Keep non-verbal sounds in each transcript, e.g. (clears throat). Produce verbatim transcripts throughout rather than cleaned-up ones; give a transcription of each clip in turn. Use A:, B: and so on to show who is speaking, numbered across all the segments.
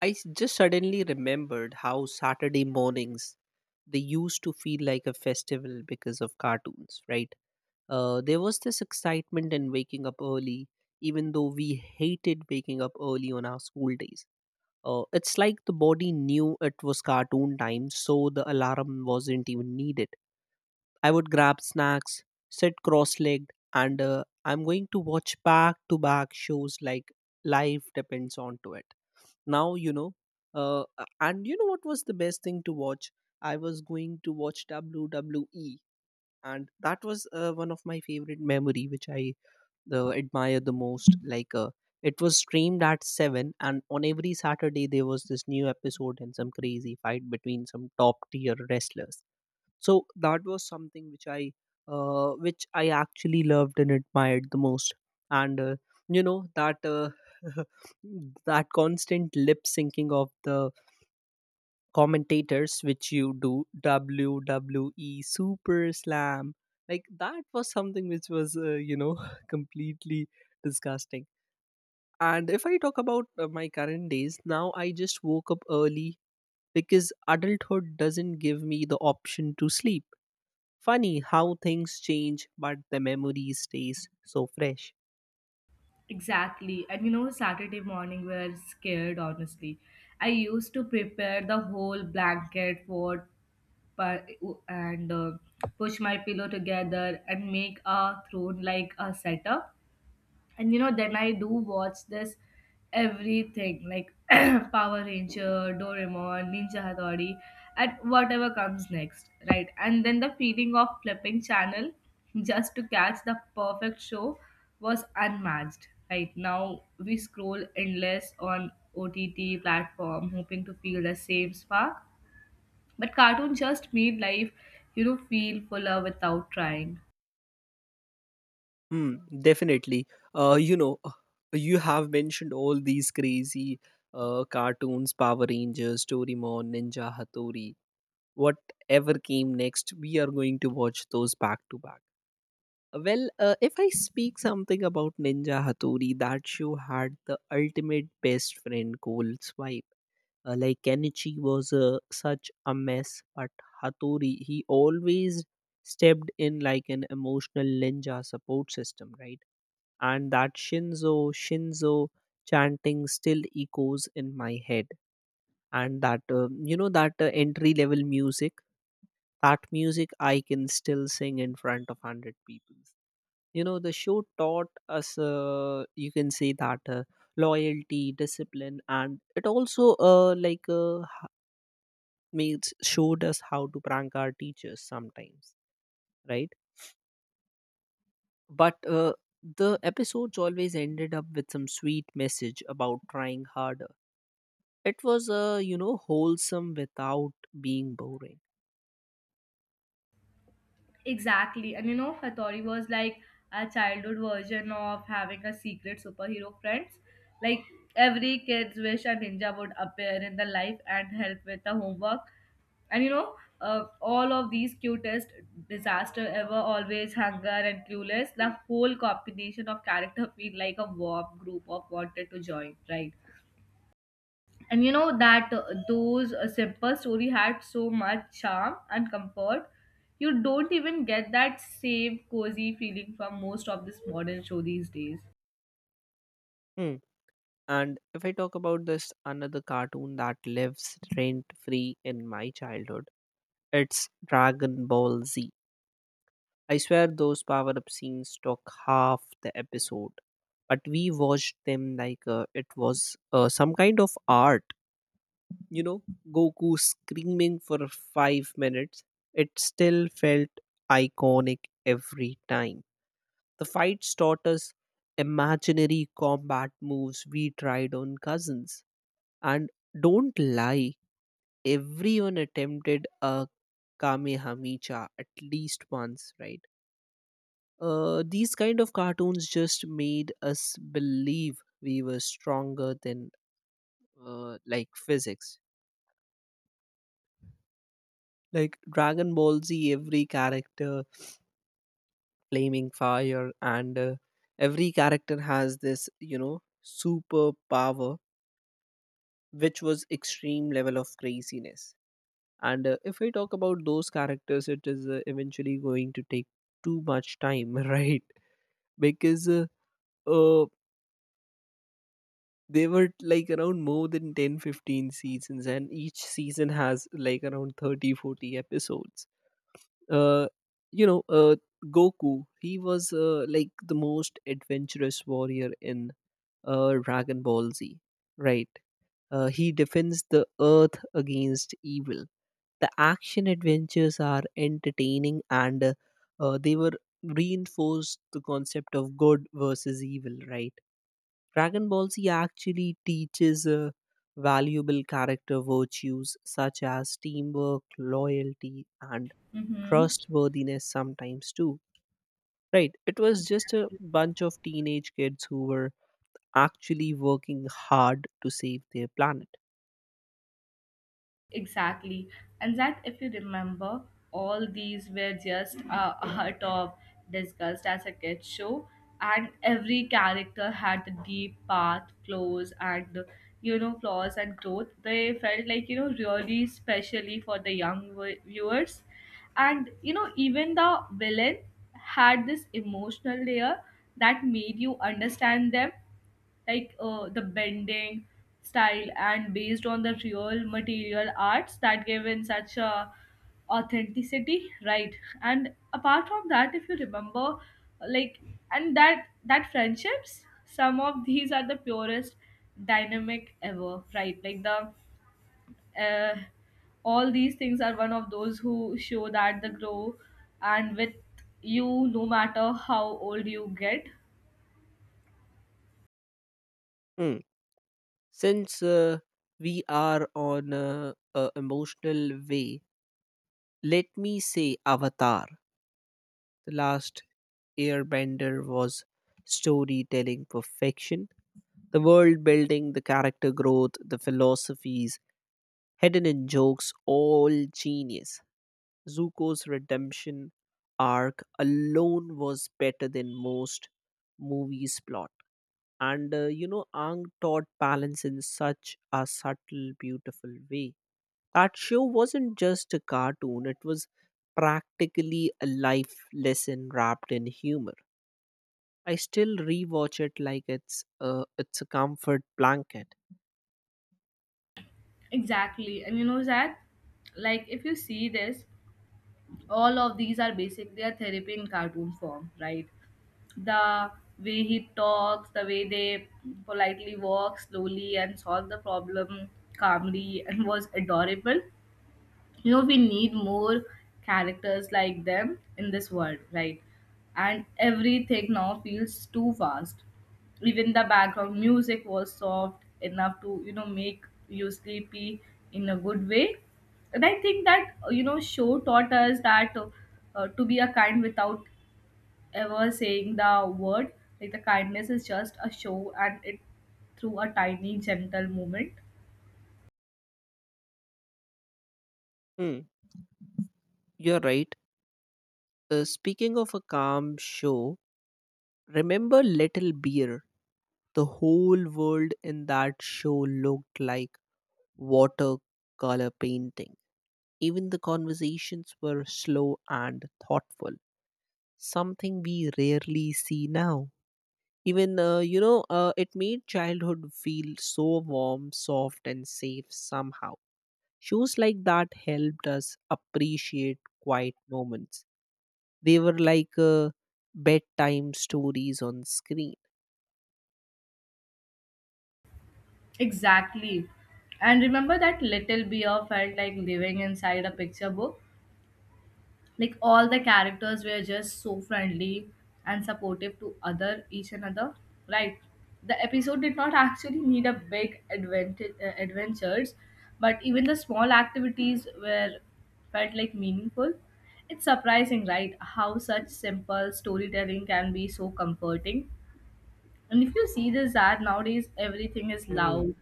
A: I s- just suddenly remembered how Saturday mornings they used to feel like a festival because of cartoons, right? Uh, there was this excitement in waking up early, even though we hated waking up early on our school days. Uh, it's like the body knew it was cartoon time, so the alarm wasn't even needed. I would grab snacks, sit cross legged, and uh, I'm going to watch back to back shows like life depends on to it. Now, you know, uh, a- and you know what was the best thing to watch? I was going to watch W W E, and that was uh, one of my favorite memory, which I uh, admire the most. Like, uh, it was streamed at seven, and on every Saturday there was this new episode and some crazy fight between some top tier wrestlers. So that was something which i uh, which i actually loved and admired the most. And uh, you know that uh, (laughs) that constant lip syncing of the commentators, which you do W W E Super Slam. Like, that was something which was uh, you know (laughs) completely disgusting. And if I talk about uh, my current days, now I just woke up early because adulthood doesn't give me the option to sleep. Funny how things change, but the memory stays so fresh.
B: Exactly. And you know, Saturday morning we are scared, honestly. I used to prepare the whole blanket for pa- and uh, push my pillow together and make a throne like a setup, and you know, then I do watch this everything like (clears throat) Power Ranger, Doraemon, Ninja Hattori, and whatever comes next, right? And then the feeling of flipping channel (laughs) just to catch the perfect show was unmatched. Right now we scroll endless on O T T platform hoping to feel the same spark, but cartoon just made life, you know feel fuller without trying.
A: Hmm, definitely. Uh, you know, uh, you have mentioned all these crazy uh, cartoons: Power Rangers, Doraemon, Ninja Hattori, whatever came next. We are going to watch those back to back. Uh, Well, uh, if I speak something about Ninja Hattori, that show had the ultimate best friend goal swipe. Uh, like Kenichi was uh, such a mess, but Hattori, he always stepped in like an emotional ninja support system, right? And that Shinzo, Shinzo chanting still echoes in my head. And that, uh, you know, that uh, entry level music, that music I can still sing in front of a hundred people. You know, the show taught us, uh, you can say that uh, loyalty, discipline, and it also, uh, like, uh, mates showed us how to prank our teachers sometimes, right? But uh, the episodes always ended up with some sweet message about trying harder. It was, uh, you know, wholesome without being boring.
B: Exactly. And you know, Hattori was like a childhood version of having a secret superhero friends. Like every kid's wish a ninja would appear in the life and help with the homework. And you know, uh, all of these cutest disaster ever, always hunger and clueless, the whole combination of character feel like a warm group of wanted to join, right? And you know that uh, those uh, simple story had so much charm and comfort. You don't even get that same cozy feeling from most of this modern show these days.
A: Hmm. And if I talk about this another cartoon that lives rent free in my childhood, it's Dragon Ball Z. I swear those power up scenes took half the episode, but we watched them like uh, it was uh, some kind of art. You know, Goku screaming for five minutes, it still felt iconic every time. The fights taught us imaginary combat moves we tried on cousins, and don't lie, everyone attempted a kamehameha at least once, right? Uh, these kind of cartoons just made us believe we were stronger than uh, like physics. Like Dragon Ball Z, every character flaming fire, and uh, every character has this you know superpower, which was extreme level of craziness. And uh, if we talk about those characters, it is uh, eventually going to take too much time. (laughs) Right. Because uh, uh, they were like around more than ten, fifteen seasons, and each season has like around thirty, forty episodes. uh, you know uh, Goku, he was uh, like the most adventurous warrior in uh, Dragon Ball Z, right? Uh, he defends the earth against evil. The action adventures are entertaining, and uh, uh, they were reinforced the concept of good versus evil, right? Dragon Ball Z actually teaches uh, valuable character virtues such as teamwork, loyalty, and
B: Mm-hmm.
A: trustworthiness sometimes too. Right. It was just a bunch of teenage kids who were actually working hard to save their planet.
B: Exactly. And that, if you remember, all these were just a hut of discussed as a kid show, and every character had the deep path, flaws, and you know, flaws and growth. They felt like you know, really specially for the young vi- viewers, and you know, even the villain had this emotional layer that made you understand them, like uh, the bending style and based on the real material arts that gave in such a authenticity, right? And apart from that, if you remember, like and that that friendships some of these are the purest dynamic ever, right? Like the uh, all these things are one of those who show that the grow and with you, no matter how old you get.
A: Hmm. Since uh, we are on a, a emotional way, let me say Avatar. The Last Airbender was storytelling perfection. The world building, the character growth, the philosophies hidden in jokes, all genius. Zuko's redemption arc alone was better than most movies' plot. And uh, you know, Ang taught balance in such a subtle, beautiful way. That show wasn't just a cartoon, it was practically a life lesson wrapped in humor. I still rewatch it like it's a, it's a comfort blanket.
B: Exactly. And you know, Zach, like if you see this, all of these are basic. They are therapy in cartoon form, right? The way he talks, the way they politely walk slowly and solve the problem calmly and was adorable. You know, we need more characters like them in this world, right? And everything now feels too fast. Even the background music was soft enough to you know make you sleepy, in a good way. And I think that uh, you know, show taught us that uh, uh, to be a kind without ever saying the word, like the kindness is just a show and it through a tiny gentle movement.
A: Hmm, you're right. Uh, speaking of a calm show, remember Little Beer? The whole world in that show looked like watercolor painting. Even the conversations were slow and thoughtful, something we rarely see now. Even, uh, you know, uh, it made childhood feel so warm, soft, and safe somehow. Shows like that helped us appreciate quiet moments. They were like uh, bedtime stories on screen.
B: Exactly. And remember that Little Beer felt like living inside a picture book? Like all the characters were just so friendly and supportive to other each another. Right. The episode did not actually need a big advent- uh, adventures, but even the small activities were felt like meaningful. It's surprising, right? How such simple storytelling can be so comforting. And if you see this ad nowadays, everything is
A: Mm,
B: loud,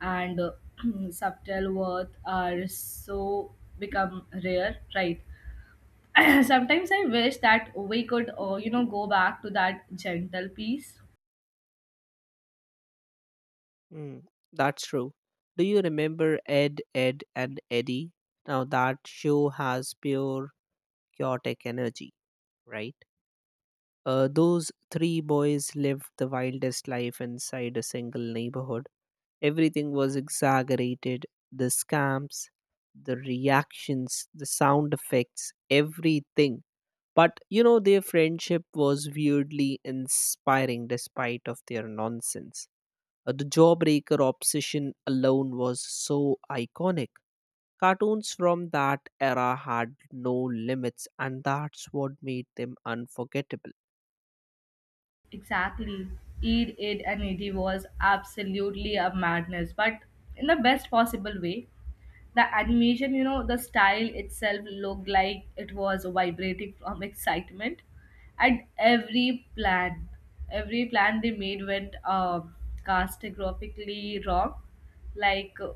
B: and uh, (clears throat) subtle worth are so become rare, right? (clears throat) Sometimes I wish that we could, uh, you know, go back to that gentle peace.
A: mm, that's true. Do you remember Ed, Ed, and Eddie? Now that show has pure chaotic energy, right? Uh, those three boys lived the wildest life inside a single neighborhood. Everything was exaggerated: the scamps, the reactions, the sound effects, everything. But you know, their friendship was weirdly inspiring despite of their nonsense. Uh, the jawbreaker obsession alone was so iconic. Cartoons from that era had no limits, and that's what made them unforgettable.
B: Exactly. Eid, Id, and Idi was absolutely a madness, but in the best possible way. The animation, you know, the style itself looked like it was vibrating from (laughs) excitement. And every plan, every plan they made went uh, catastrophically wrong. Like, uh,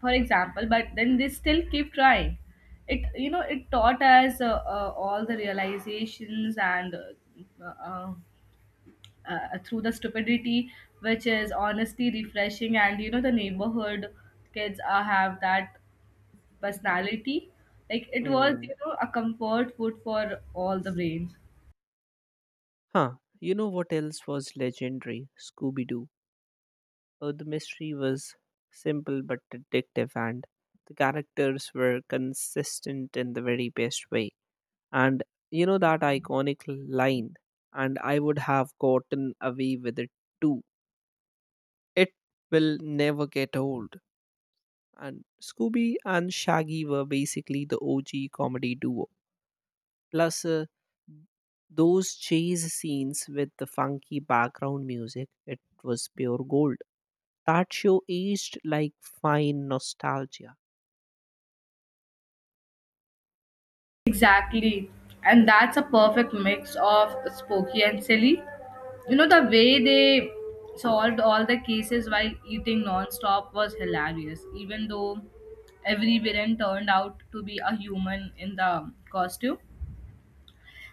B: for example, but then they still keep trying. It, you know, it taught us uh, uh, all the realizations and uh, uh, uh, through the stupidity, which is honestly refreshing. And you know, the neighborhood kids uh, have that personality, like it was you know a comfort food for all the brains.
A: Huh, you know what else was legendary? Scooby Doo. Uh, the mystery was simple but addictive, and the characters were consistent in the very best way. And you know that iconic line, "And I would have gotten away with it too." It will never get old. And Scooby and Shaggy were basically the O G comedy duo. Plus, uh, those chase scenes with the funky background music, it was pure gold. That show aged like fine nostalgia.
B: Exactly. And that's a perfect mix of spooky and silly. You know, the way they solved all the cases while eating non-stop was hilarious, even though every villain turned out to be a human in the costume.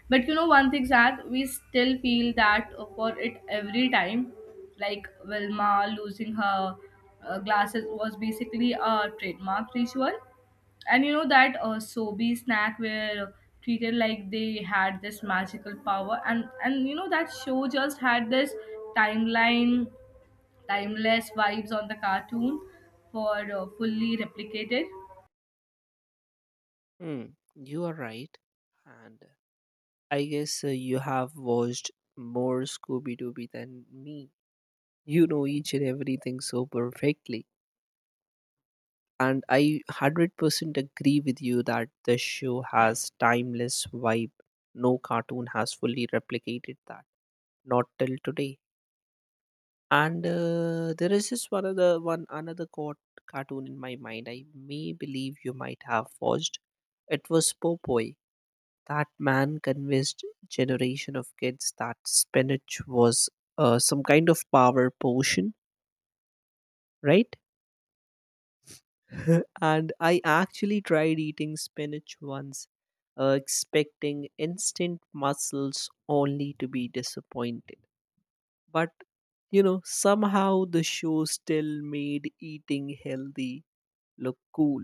B: But you know, one thing sad, we still feel that for it every time. Like Wilma losing her uh, glasses was basically a trademark ritual. And you know, that uh, Sobe snack were treated like they had this magical power. And, and you know, that show just had this timeline, timeless vibes on the cartoon for uh, fully replicated.
A: Hmm, you are right. And uh, I guess uh, you have watched more Scooby Dooby than me. You know each and everything so perfectly. And I one hundred percent agree with you that the show has timeless vibe. No cartoon has fully replicated that. Not till today. And uh, there is this one other one another cot- cartoon in my mind. I may believe you might have watched. It was Popoy. That man convinced generation of kids that spinach was uh, some kind of power potion, right? (laughs) And I actually tried eating spinach once, uh, expecting instant muscles, only to be disappointed. But you know, somehow the show still made eating healthy look cool.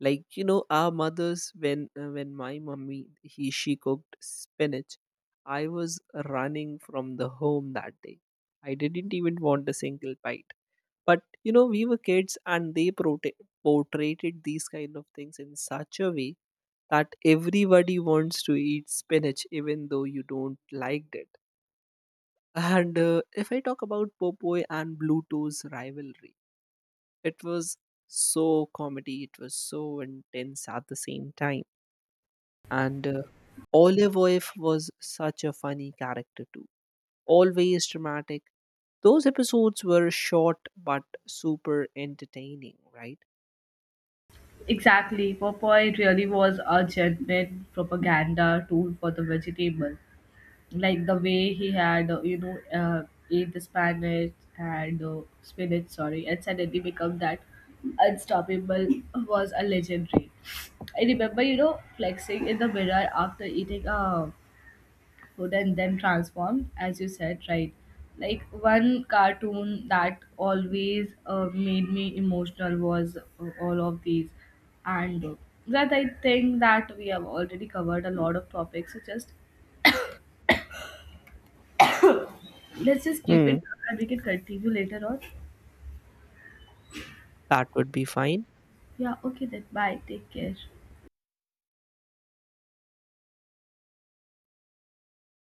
A: Like, you know, our mothers, when uh, when my mummy he she cooked spinach, I was running from the home that day. I didn't even want a single bite. But you know, we were kids, and they prote- portrayed these kind of things in such a way that everybody wants to eat spinach, even though you don't like it. And uh, if I talk about Popoy and Bluetooth's rivalry, it was so comedy, it was so intense at the same time. And uh, Olive Oif was such a funny character too, always dramatic. Those episodes were short but super entertaining, right?
B: Exactly. Popeye really was a genuine propaganda tool for the vegetable. Like the way he had, uh, you know, uh, ate the spinach and uh, spinach, sorry, and suddenly become that unstoppable was a legendary. I remember, you know, flexing in the mirror after eating a food and then transformed as you said, right? Like one cartoon that always uh, made me emotional was uh, all of these. And uh, that I think that we have already covered a lot of topics, so just let's just keep it,
A: Hmm.
B: and we can continue later on.
A: That would be fine.
B: Yeah, okay, then bye, take care.